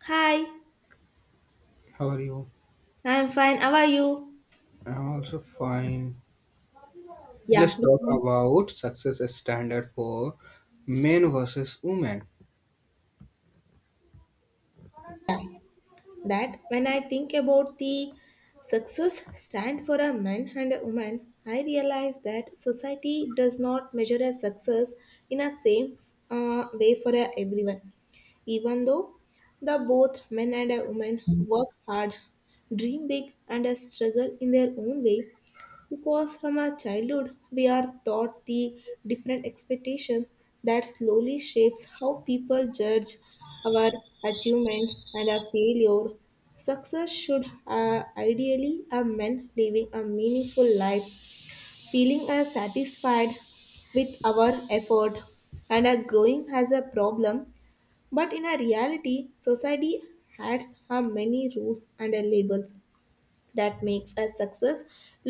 Hi, How are you? I'm fine. How are you? I'm also fine. Let's Yeah, talk about success as standard for men versus women. that when I think about the success stand for a man and a woman, I realize that society does not measure a success in a same way for everyone. Even though the both men and a woman work hard, dream big, and struggle in their own way, Because from our childhood, we are taught the different expectation that slowly shapes how people judge our achievements and our failure. Success should ideally a man living a meaningful life, feeling satisfied with our effort and are growing as a problem. But in a reality, society has many rules and labels that makes a success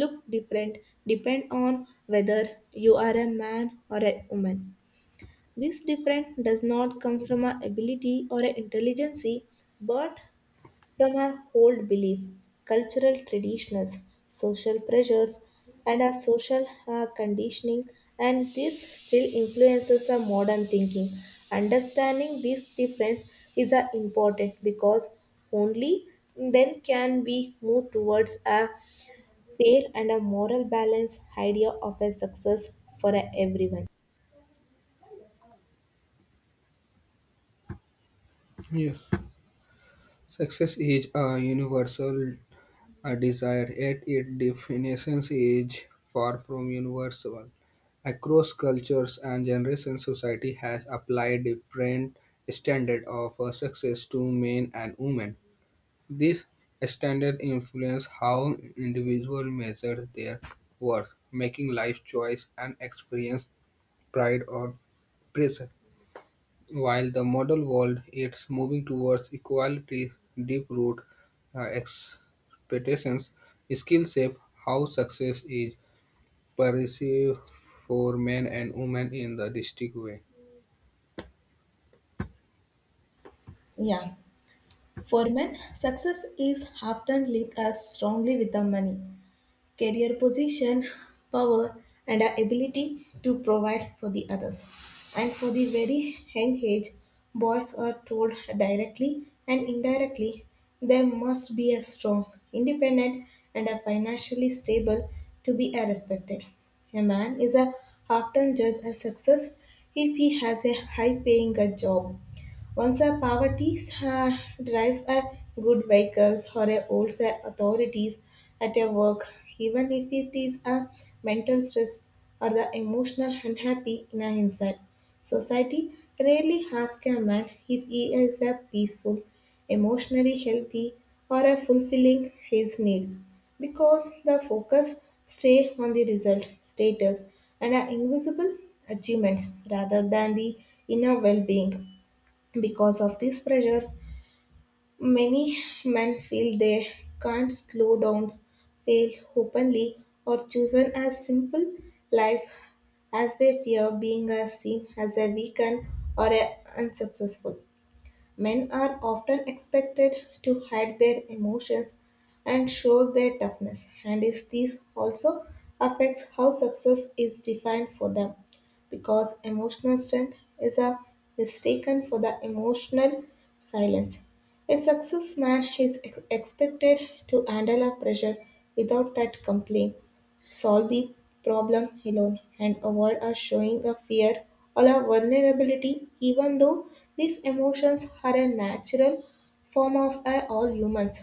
look different depend on whether you are a man or a woman this difference does not come from a ability or a intelligence but from our old belief, cultural traditions, social pressures, and our social conditioning, and this still influences our modern thinking. Understanding this difference is important because only then can we move towards a fair and a moral balance idea of a success for everyone. Yes. Success is a universal desire, yet its definition is far from universal. Across cultures and generations, society has applied different standard of success to men and women. This standard influences how individuals measure their worth, making life choice and experience pride or pressure. While the modern world is moving towards equality, deep-rooted expectations still shape how success is perceived for men and women in the distinct way. Yeah. For men, success is often linked as strongly with the money. Career position, power, and our ability to provide for the others. And for the very young age, boys are told directly and indirectly they must be a strong, independent, and a financially stable to be a respected. A man is a often judged as success if he has a high paying a job once a poverty uh, drives a good vehicles or a holds the authorities at a work, even if it is a mental stress or the emotional unhappy in a inside. Society rarely asks a man if he is a peaceful, emotionally healthy, or a fulfilling his needs because the focus stay on the result, status, and our invisible achievements rather than the inner well-being. Because of these pressures, many men feel they can't slow down, fail openly, or chosen a simple life as they fear being a seen as a weak and or a unsuccessful. Men are often expected to hide their emotions and show their toughness, and is this also affects how success is defined for them, because emotional strength is a mistaken for the emotional silence. A success man is expected to handle a pressure without that complaint solve the problem alone and avoid us showing a fear or a vulnerability even though these emotions are a natural form of all humans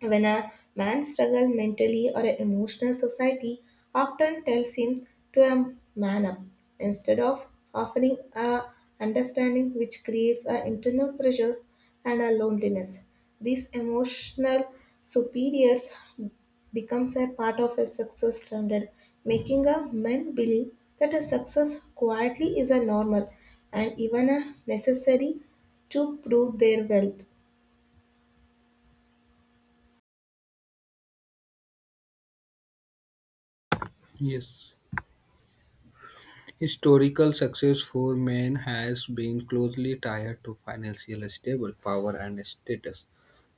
when a man struggles mentally or emotional, society often tells him to man up instead of offering a understanding, which creates a internal pressures and a loneliness. These emotional superiors becomes a part of a success standard, making a man believe that a success quietly is a normal and even a necessary to prove their wealth. Yes. Historical success for men has been closely tied to financial stable power and status.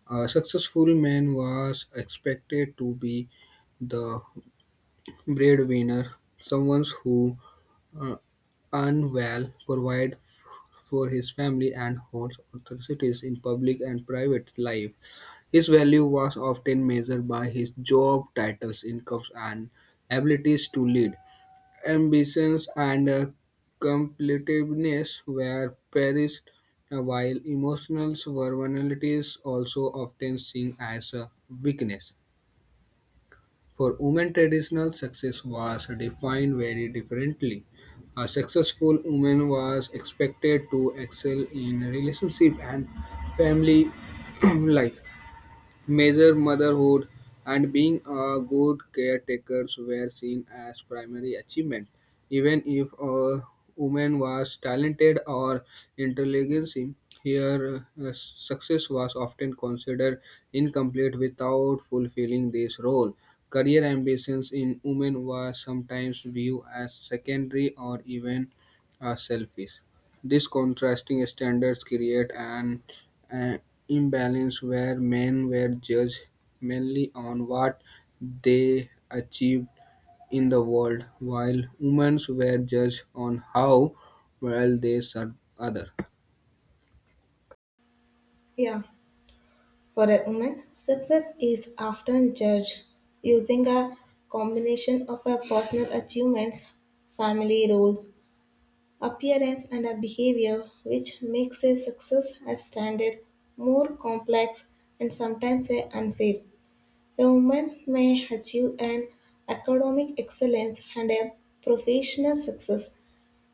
A successful man was expected to be the breadwinner, someone who uh, earn well, provide for his family, and holds authorities in public and private life. His value was often measured by his job titles, incomes, and abilities to lead ambitions and competitiveness were prized, while emotional vulnerabilities also often seen as a weakness. For women, traditional success was defined very differently. A successful woman was expected to excel in relationship and family life. Major motherhood and being a good caretakers were seen as primary achievement. Even if a woman was talented or intelligent, her success was often considered incomplete without fulfilling this role. Career ambitions in women were sometimes viewed as secondary or even selfish. These contrasting standards create an uh, imbalance where men were judged mainly on what they achieved in the world, while women were judged on how well they served others. Yeah. For a woman, success is often judged using a combination of her personal achievements, family roles, appearance, and her behavior, which makes a success as standard more complex and sometimes a unfair. A woman may achieve an academic excellence and a professional success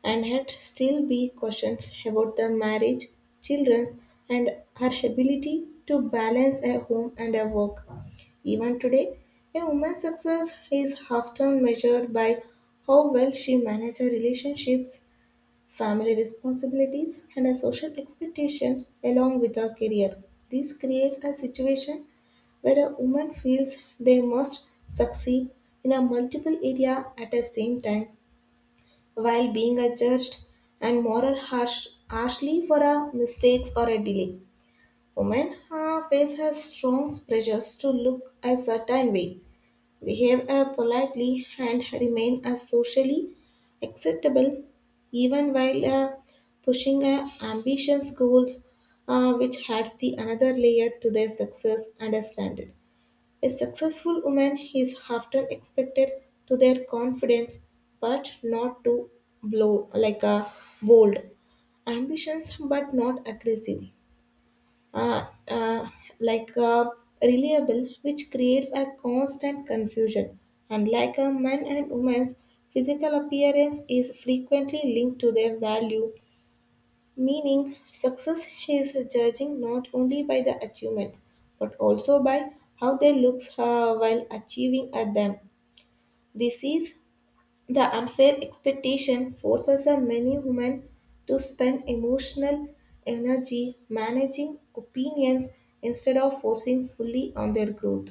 and yet still be questions about the marriage, children, and her ability to balance a home and a work. Even today, a woman's success is often measured by how well she manages relationships family responsibilities, and a social expectation along with a career. This creates a situation where a woman feels they must succeed in a multiple area at the same time while being a judged and moral harshly for a mistakes or a delay. Women face her strong pressures to look a certain way behave politely, and remain as socially acceptable even while pushing ambitious goals, which adds the another layer to their success and a standard. A successful woman is often expected to their confidence, but not to blow like a bold ambitions, but not aggressive uh, uh, like reliable, which creates a constant confusion. Unlike a man and woman's physical appearance is frequently linked to their value, meaning success is judging not only by the achievements but also by how they look while achieving at them. This is the unfair expectation forces a many women to spend emotional energy managing opinions instead of focusing fully on their growth.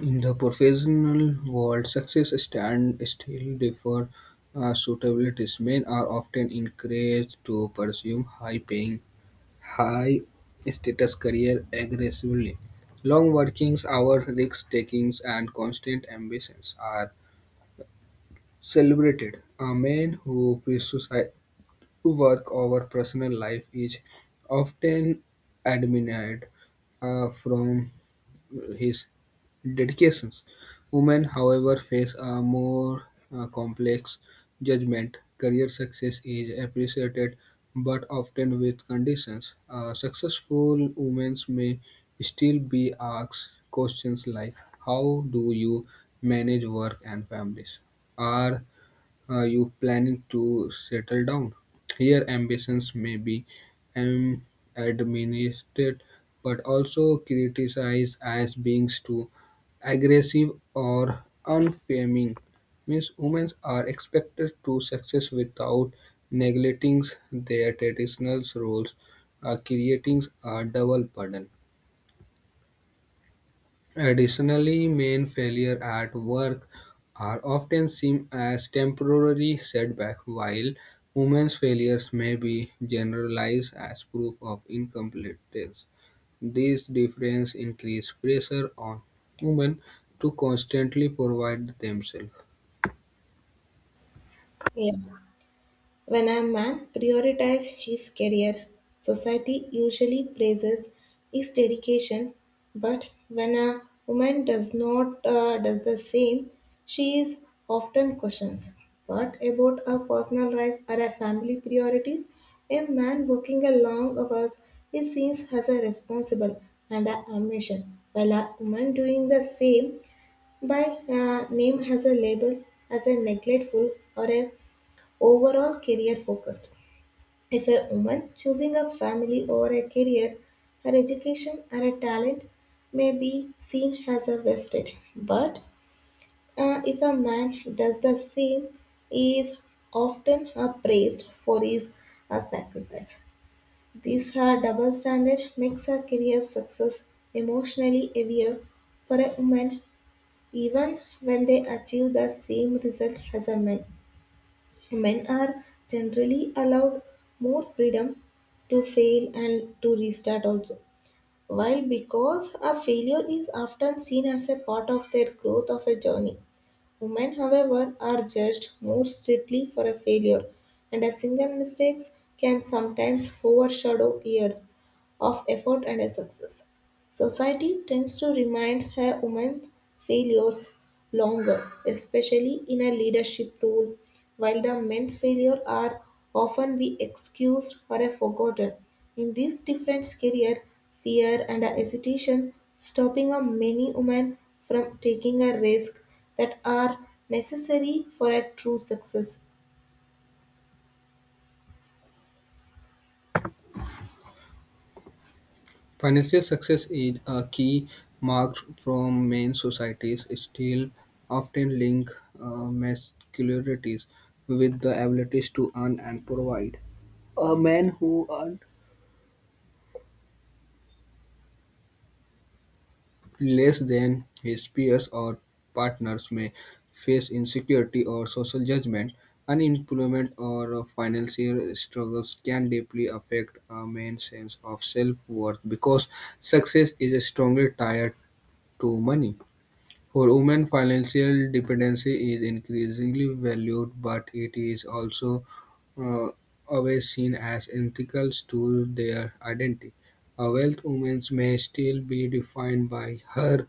In the professional world, success stand still differ suitabilities. Men are often encouraged to pursue high-paying, high-status career aggressively. Long working hours, risk takings, and constant ambitions are celebrated. A man who prioritizes work over personal life is often admired from his dedications. Women, however, face a more complex judgment. Career success is appreciated, but often with conditions. A successful women may still be asked questions like, "How do you manage work and families?" Are are you planning to settle down? Here, ambitions may be um, administered but also criticized as being too aggressive or unfeminine. Means women are expected to success without neglecting their traditional roles, creating a double burden. Additionally, main failure at work are often seen as temporary setbacks, while women's failures may be generalized as proof of incompetence. These differences increase pressure on women to constantly provide themselves. Yeah. When a man prioritizes his career, society usually praises his dedication, but when a woman does not does the same, she is often questioned. What about her personal rights or her family priorities? A man working a long hours is seen as a responsible and a ambition, while a woman doing the same by name has a label as a neglectful or a overall career focused. If a woman choosing a family over a career, her education and her talent may be seen as a wasted. But if a man does the same, he is often praised for his sacrifice. This double standard makes her career success emotionally heavier for a woman even when they achieve the same result as a man. Men are generally allowed more freedom to fail and to restart also. While because a failure is often seen as a part of their growth of a journey, women, however, are judged more strictly for a failure, and a single mistake can sometimes overshadow years of effort and a success. Society tends to remind her women's failures longer, especially in a leadership role, while the men's failures are often be excused or a forgotten. In this different career, fear and a hesitation stopping a many women from taking a risk that are necessary for a true success. Financial success is a key mark from many societies, still often link masculinity with the abilities to earn and provide. A man who earns less than his peers or partners may face insecurity or social judgment. Unemployment or financial struggles can deeply affect a man's sense of self worth because success is strongly tied to money. For women, financial dependency is increasingly valued, but it is also uh, always seen as integral to their identity. A wealth woman may still be defined by her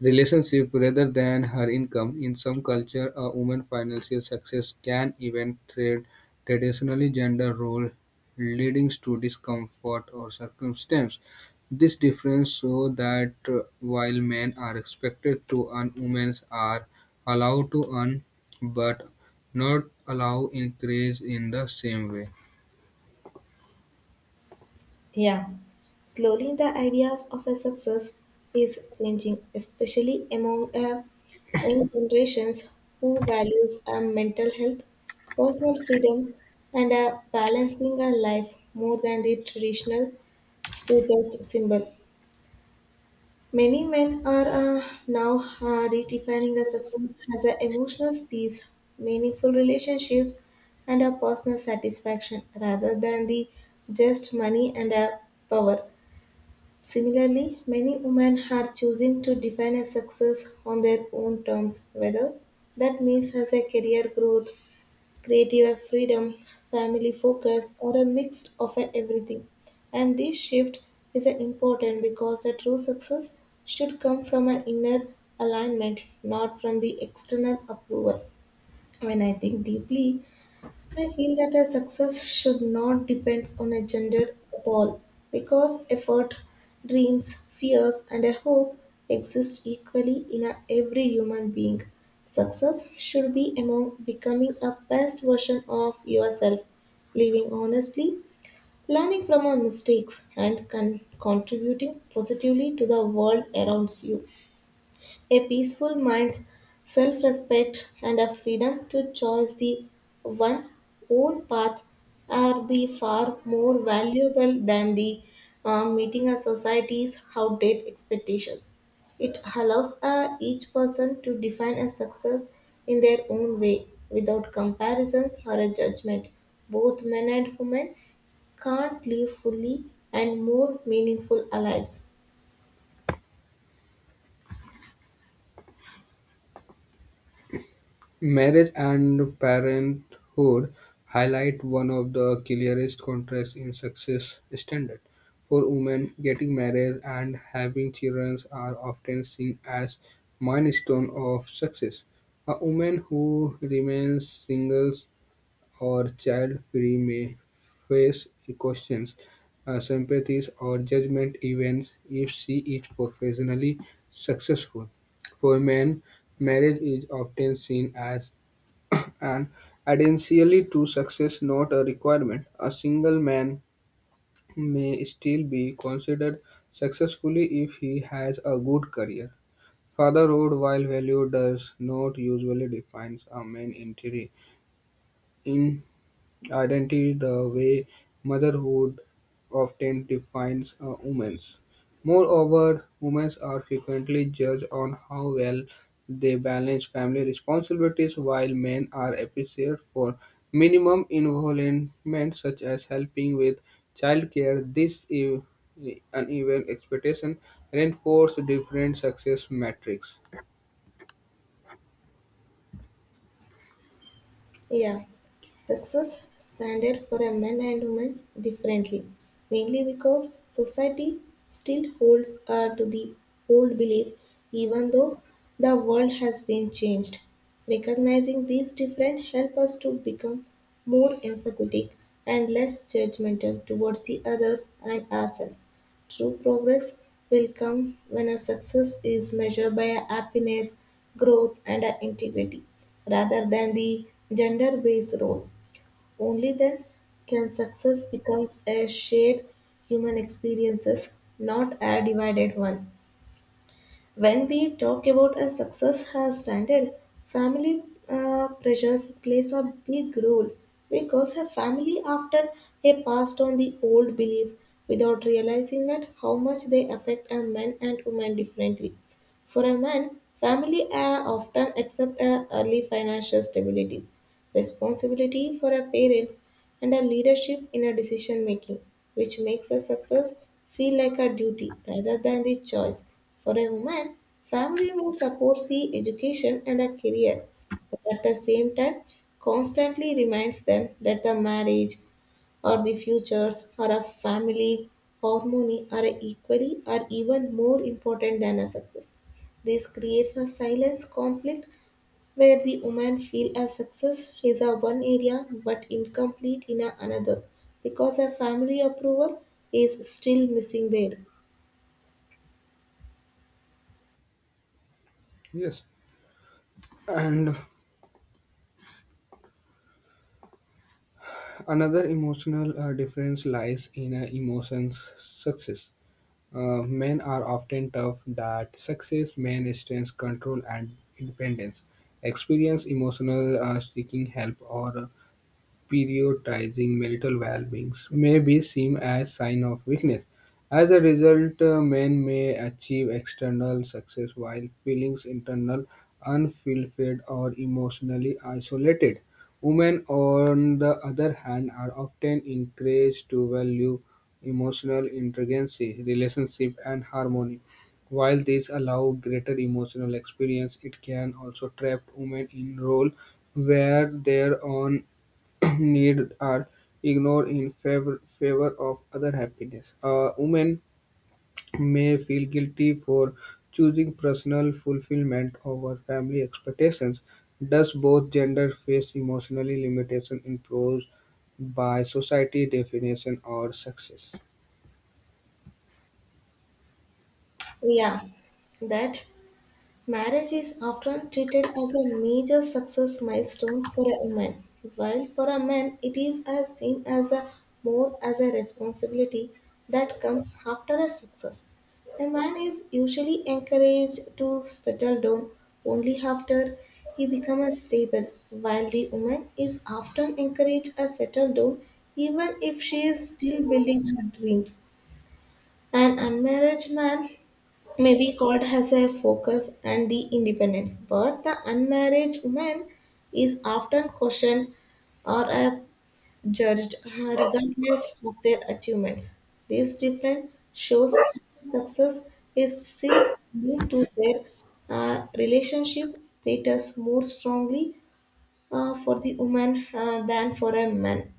relationship rather than her income. In some culture, a woman's financial success can even thread traditionally gender role, leading to discomfort or circumstance. This difference shows that while men are expected to earn, women are allowed to earn, but not allowed increase in the same way. Yeah, slowly the ideas of a success is changing, especially among young generations who values mental health, personal freedom, and balancing a life more than the traditional status symbol. Many men are now redefining a success as an emotional peace, meaningful relationships, and a personal satisfaction rather than the just money and a power. Similarly, many women are choosing to define a success on their own terms, whether that means as a career growth, creative freedom, family focus, or a mix of a everything. And this shift is a important because the true success should come from an inner alignment, not from the external approval. When I think deeply I feel that a success should not depend on a gender at all because effort, dreams, fears, and a hope exist equally in a every human being. Success should be among becoming a best version of yourself, living honestly, learning from our mistakes, and contributing positively to the world around you. A peaceful mind's self respect and a freedom to choose the one own path are the far more valuable than the meeting a society's outdated expectations. It allows each person to define a success in their own way without comparisons or a judgment. Both men and women can't live fully and more meaningful lives Marriage and parenthood highlight one of the clearest contrasts in success standard. For women, getting married and having children are often seen as milestone of success. A woman who remains single or child-free may face questions, sympathies, or judgment even if she is professionally successful. For men, marriage is often seen as an adency to success, not a requirement. A single man may still be considered successful if he has a good career. Fatherhood, while value does not usually define a man in identity, the way motherhood often defines a woman's. Moreover, women are frequently judged on how well they balance family responsibilities, while men are appreciated for minimum involvement, such as helping with childcare. Uneven expectation reinforces different success metrics. Yeah, success standard for a man and woman differently, mainly because society still holds to the old belief, even though the world has been changed. Recognizing these different help us to become more empathetic and less judgmental towards the others and ourselves. True progress will come when a success is measured by a happiness, growth, and a integrity rather than the gender based role. Only then can success becomes a shared human experiences, not a divided one. When we talk about a success has standard, family pressures plays a big role because a family often they passed on the old belief without realizing that how much they affect a man and woman differently. For a man, family often accept early financial stabilities, responsibility for our parents, and a leadership in a decision making, which makes a success feel like a duty rather than the choice. For a woman, family will support the education and a career, but at the same time, constantly reminds them that the marriage, or the futures or a family harmony are equally or even more important than a success. This creates a silence conflict where the woman feel a success is a one area but incomplete in a another because her family approval is still missing there. Yes. And another emotional difference lies in emotions success. Men are often taught that success means strength, control, and independence. Experience, emotional seeking help, or prioritizing marital well-beings may be seen as sign of weakness. As a result, men may achieve external success while feeling internal unfulfilled or emotionally isolated. Women, on the other hand, are often encouraged to value emotional intelligence, relationship, and harmony. While these allow greater emotional experience, it can also trap women in roles where their own need are ignored in favor of other happiness. A woman may feel guilty for choosing personal fulfillment over family expectations. Thus, both genders face emotionally limitation imposed by society definition or success. Yeah, that Marriage is often treated as a major success milestone for a woman, while for a man it is as seen as a more as a responsibility that comes after a success. A man is usually encouraged to settle down only after he becomes stable, while the woman is often encouraged to settle down even if she is still building her dreams. An unmarried man Maybe God has a focus and the independence, but the unmarried woman is often questioned or judged regardless of their achievements. This difference shows how success is still linked to their relationship status more strongly for the woman than for a man.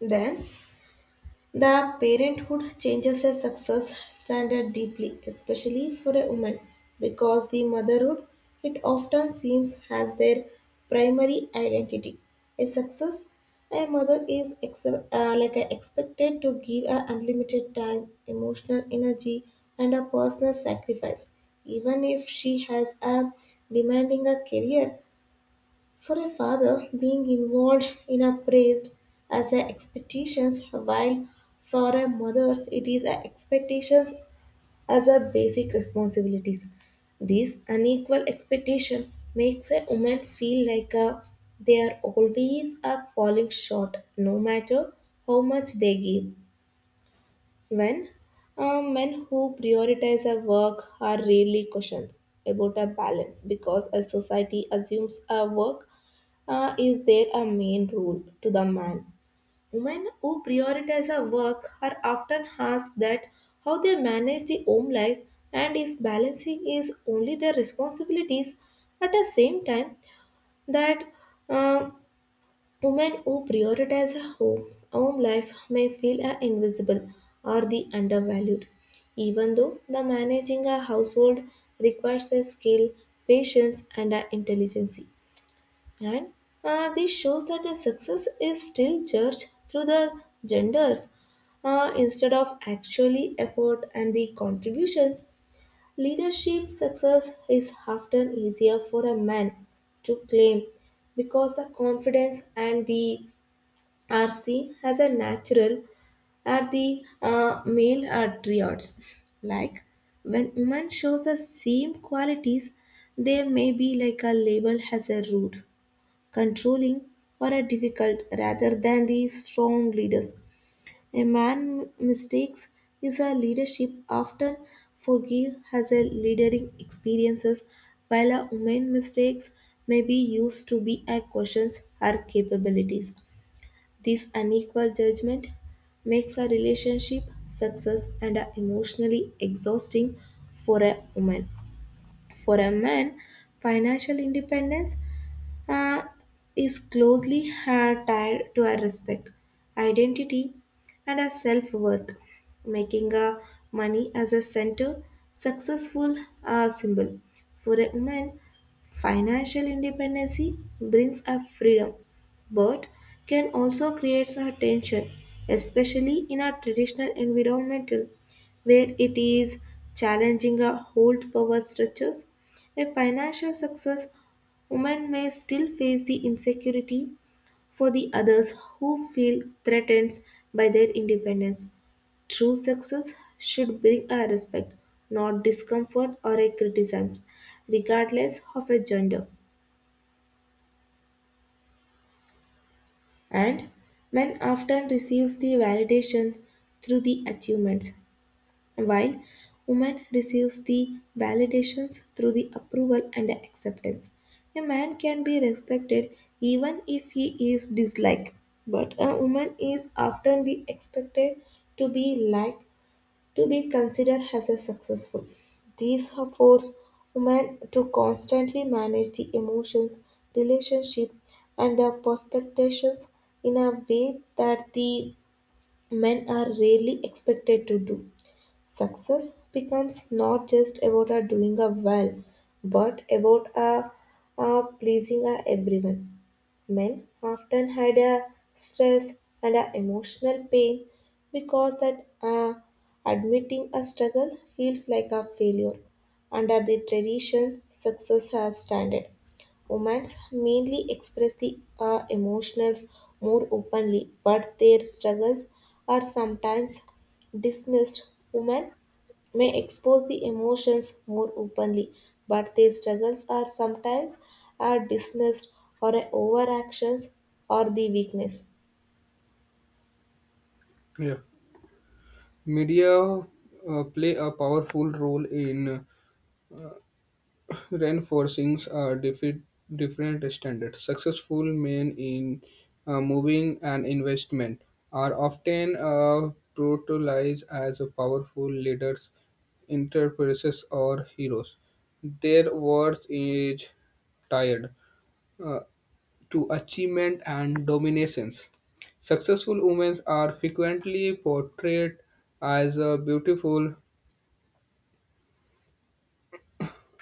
Then the parenthood changes a success standard deeply, especially for a woman, because the motherhood it often seems as their primary identity. A success a mother is like a expected to give her unlimited time, emotional energy, and a personal sacrifice, even if she has a demanding a career for a father, being involved in a praised as a expectations, while for a mother's it is a expectations as a basic responsibilities. This unequal expectation makes a woman feel like a, they are always a falling short, no matter how much they give. When men who prioritize their work are rarely questioned about a balance because a society assumes a work is their a main role to the man. Women who prioritize their work are often asked that how they manage the home life and if balancing is only their responsibilities at the same time that uh, Women who prioritize a home life may feel are invisible or the undervalued, even though the managing a household requires a skill, patience, and a intelligence. And this shows that the success is still judged through the genders instead of actually effort and the contributions. Leadership success is often easier for a man to claim because the confidence and the RC has a natural at the male attributes. Like when women shows the same qualities, there may be like a label as a rude, controlling, or a difficult rather than the strong leaders. A man mistakes is a leadership often forgive as a leading experiences, while a woman mistakes may be used to be a questions her capabilities. This unequal judgment makes a relationship success and a emotionally exhausting for a woman. For a man, financial independence uh, is closely tied to our respect, identity, and our self worth, making our money as a center successful symbol. For a woman, financial independence brings a freedom, but can also create a tension, especially in our traditional environmental, where it is challenging our old power structures. A financial success women may still face the insecurity for the others who feel threatened by their independence. True success should bring a respect, not discomfort or a criticism, regardless of a gender. And men often receives the validation through the achievements while woman receives the validations through the approval and the acceptance. A man can be respected even if he is disliked, but a woman is often be expected to be liked to be considered as a successful. These have forced women to constantly manage the emotions, relationships, and their perspectives in a way that the men are rarely expected to do. Success becomes not just about a doing a well, but a pleasing a everyone. Men often had a stress and a emotional pain because that admitting a struggle feels like a failure. Under the tradition, success has standard. Women mainly express the emotions more openly, but their struggles are sometimes dismissed. Women may expose the emotions more openly, but their struggles are sometimes are dismissed or a overactions or the weakness. Yeah. Media play a powerful role in reinforcings are different standards. Successful men in moving an investment are often brutalized as powerful leaders, entrepreneurs, or heroes. Their worth is tied uh, to achievement and dominations. Successful women are frequently portrayed as uh, beautiful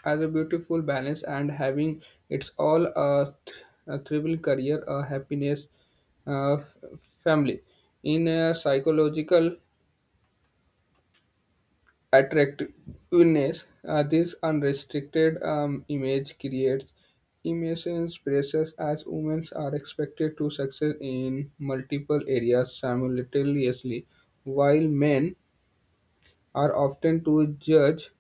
as a beautiful balance and having it's all a, th- a thriving career, a happiness, uh, family. In a psychological attractiveness, this unrestricted image creates immense pressures as women are expected to succeed in multiple areas simultaneously, while men are often to judge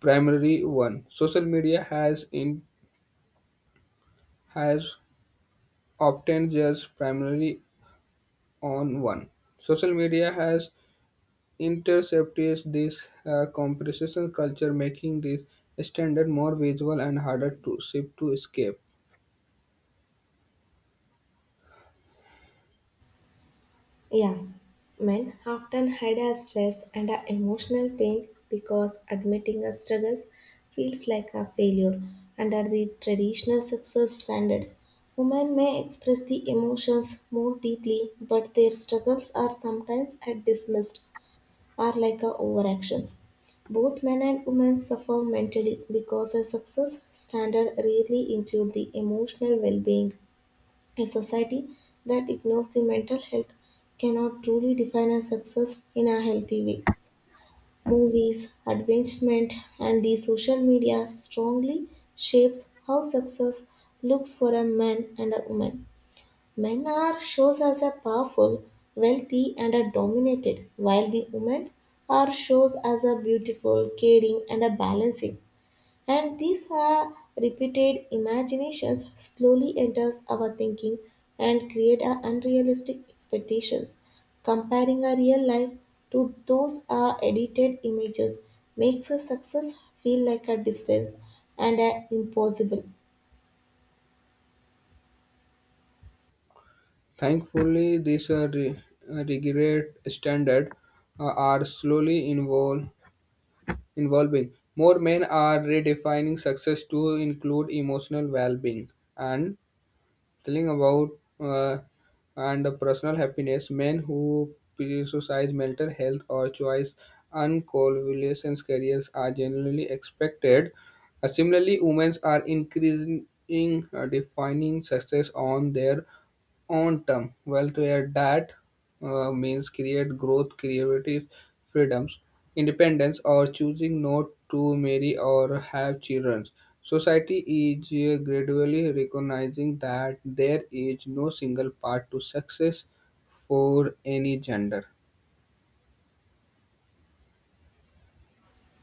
primary one. Social media has in has obtained just primarily on one. Social media has intercepted this competition culture, making this standard more visual and harder to shift to escape. Yeah, men often hide our stress and our emotional pain because admitting our struggles feels like a failure under the traditional success standards. Women may express the emotions more deeply, but their struggles are sometimes are dismissed are like a overactions. Both men and women suffer mentally because a success standard rarely include the emotional well-being. A society that ignores the mental health cannot truly define a success in a healthy way. Movies, advertisement, and the social media strongly shapes how success looks for a man and a woman. Men are shows as a powerful, wealthy, and are dominated, while the women's are shows as a beautiful, caring, and a balancing. And these are repeated imaginations slowly enters our thinking and create our unrealistic expectations. Comparing our real life to those are edited images makes a success feel like a distance and a impossible. Thankfully, regret standard uh, are slowly involving. More men are redefining success to include emotional well-being and telling about uh, and personal happiness. Men who prioritize mental health or choice uncoalescence careers are generally expected. Similarly, women are increasing defining success on their own term. Wealth where that means create growth, creativity, freedoms, independence, or choosing not to marry or have children. Society is gradually recognizing that there is no single path to success for any gender.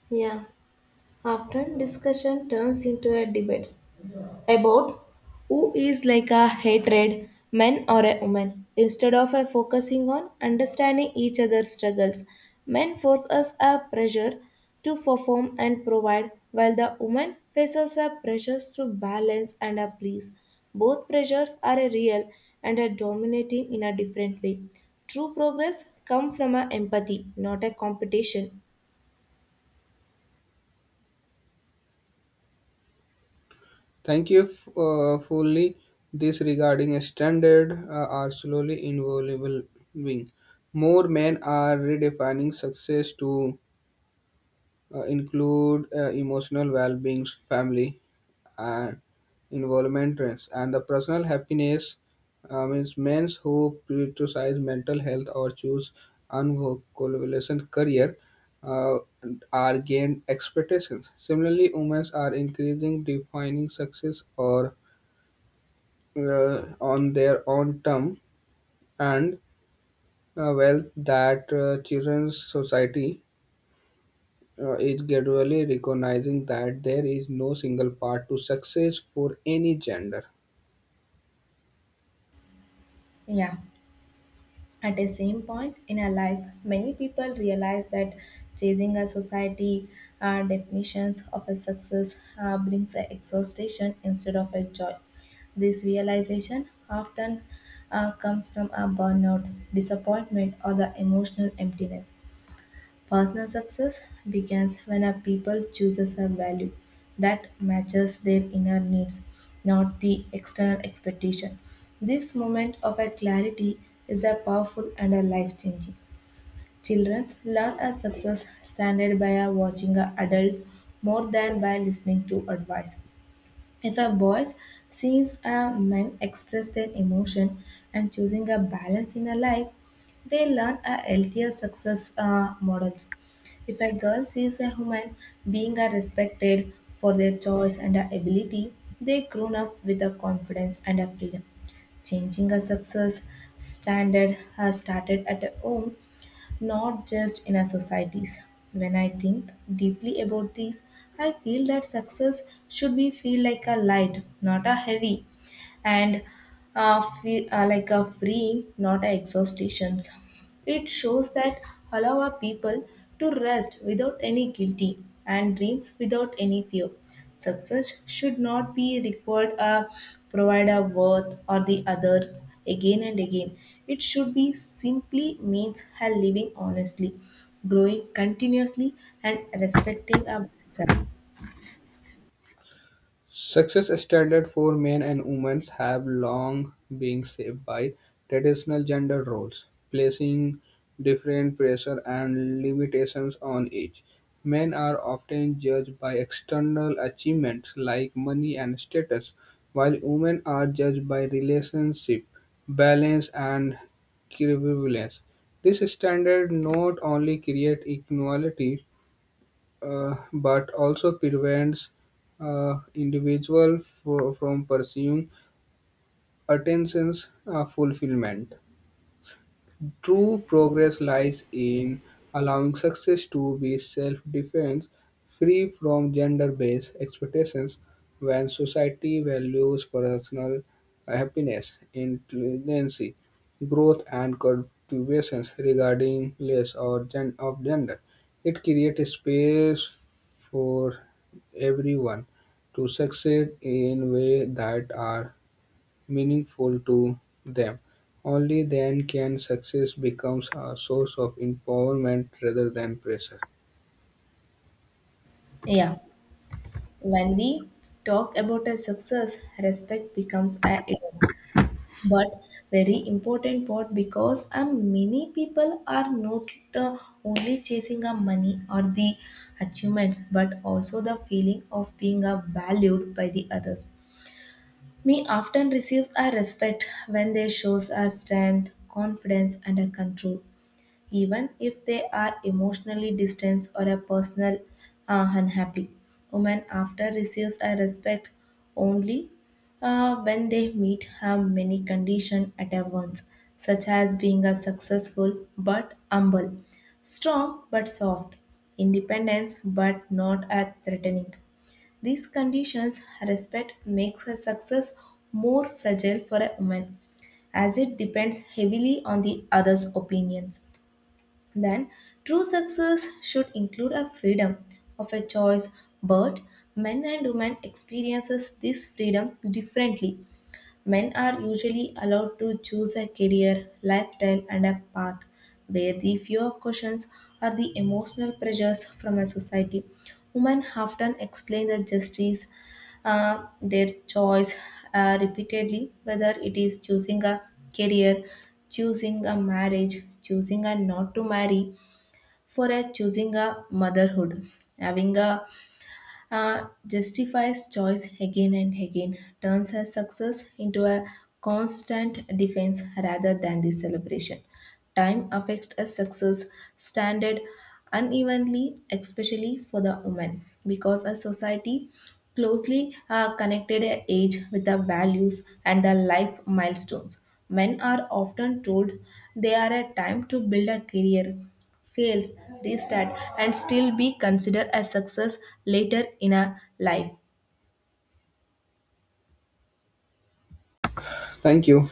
Yeah, often discussion turns into a debate about who is like a hatred, man or a woman. Instead of a focusing on understanding each other's struggles, men force us a pressure to perform and provide, while the woman faces a pressures to balance and a please. Both pressures are a real and are dominating in a different way. True progress comes from a empathy, not a competition. Thank you fully. This regarding a standard are slowly evolving. More men are redefining success to include emotional well-being, family, and involvement trends, and the personal happiness means men who prioritize mental health or choose unvocablation career uh, are gained expectations. Similarly, women are increasing defining success or on their own term and wealth that children's society is gradually recognizing that there is no single path to success for any gender. Yeah. At a same point in our life, many people realize that chasing a society definitions of a success brings a exhaustion instead of a joy. This realization often comes from a burnout, disappointment, or the emotional emptiness. Personal success begins when a people chooses a value that matches their inner needs, not the external expectation. This moment of a clarity is a powerful and a life changing. Children learn a success standard by a watching a adults more than by listening to advice. If a voice sees a man express their emotion and choosing a balance in a life, they learn a healthier success models. If a girl sees a woman being a respected for their choice and a ability, they grown up with a confidence and a freedom. Changing a success standard has started at a home not just in our societies. When I think deeply about this, I feel that success should be feel like a light, not a heavy, and fe like a freeing, not a exhaustations. It shows that allow our people to rest without any guilty and dreams without any fear. Success should not be required a provider worth or the others again and again. It should be simply means her living honestly, growing continuously and respecting our Success standards for men and women have long been shaped by traditional gender roles, placing different pressure and limitations on each. Men are often judged by external achievements like money and status, while women are judged by relationship, balance, and equivalence. This standard not only creates equality but also prevents individual from pursuing attention's fulfillment. True progress lies in allowing success to be self-defined, free from gender-based expectations. When society values personal happiness, intelligence, growth, and contributions regarding less or of gender, it creates space for everyone to succeed in ways that are meaningful to them. Only then can success becomes a source of empowerment rather than pressure. Yeah. When we talk about a success, respect becomes a but very important part because many people are not only chasing a money or the achievements but also the feeling of being valued by the others me often receives a respect when they shows a strength confidence and a control even if they are emotionally distant or a personal unhappy. Women after receives a respect only when they meet have many conditions at once, such as being a successful but humble, strong but soft, independence but not a threatening. These conditions respect makes a success more fragile for a woman as it depends heavily on the other's opinions. Then, true success should include a freedom of a choice, but men and women experiences this freedom differently. Men are usually allowed to choose a career, lifestyle, and a path where the fewer questions are the emotional pressures from a society. Women often explain the justice, their choice repeatedly, whether it is choosing a career, choosing a marriage, choosing a not to marry, for a choosing a motherhood. Having a justifies choice again and again turns her success into a constant defense rather than the celebration. Time affects a success standard unevenly, especially for the woman, because a society closely connected a age with the values and the life milestones. Men are often told they are a time to build a career fails, restart, and still be considered a success later in a life. Thank you.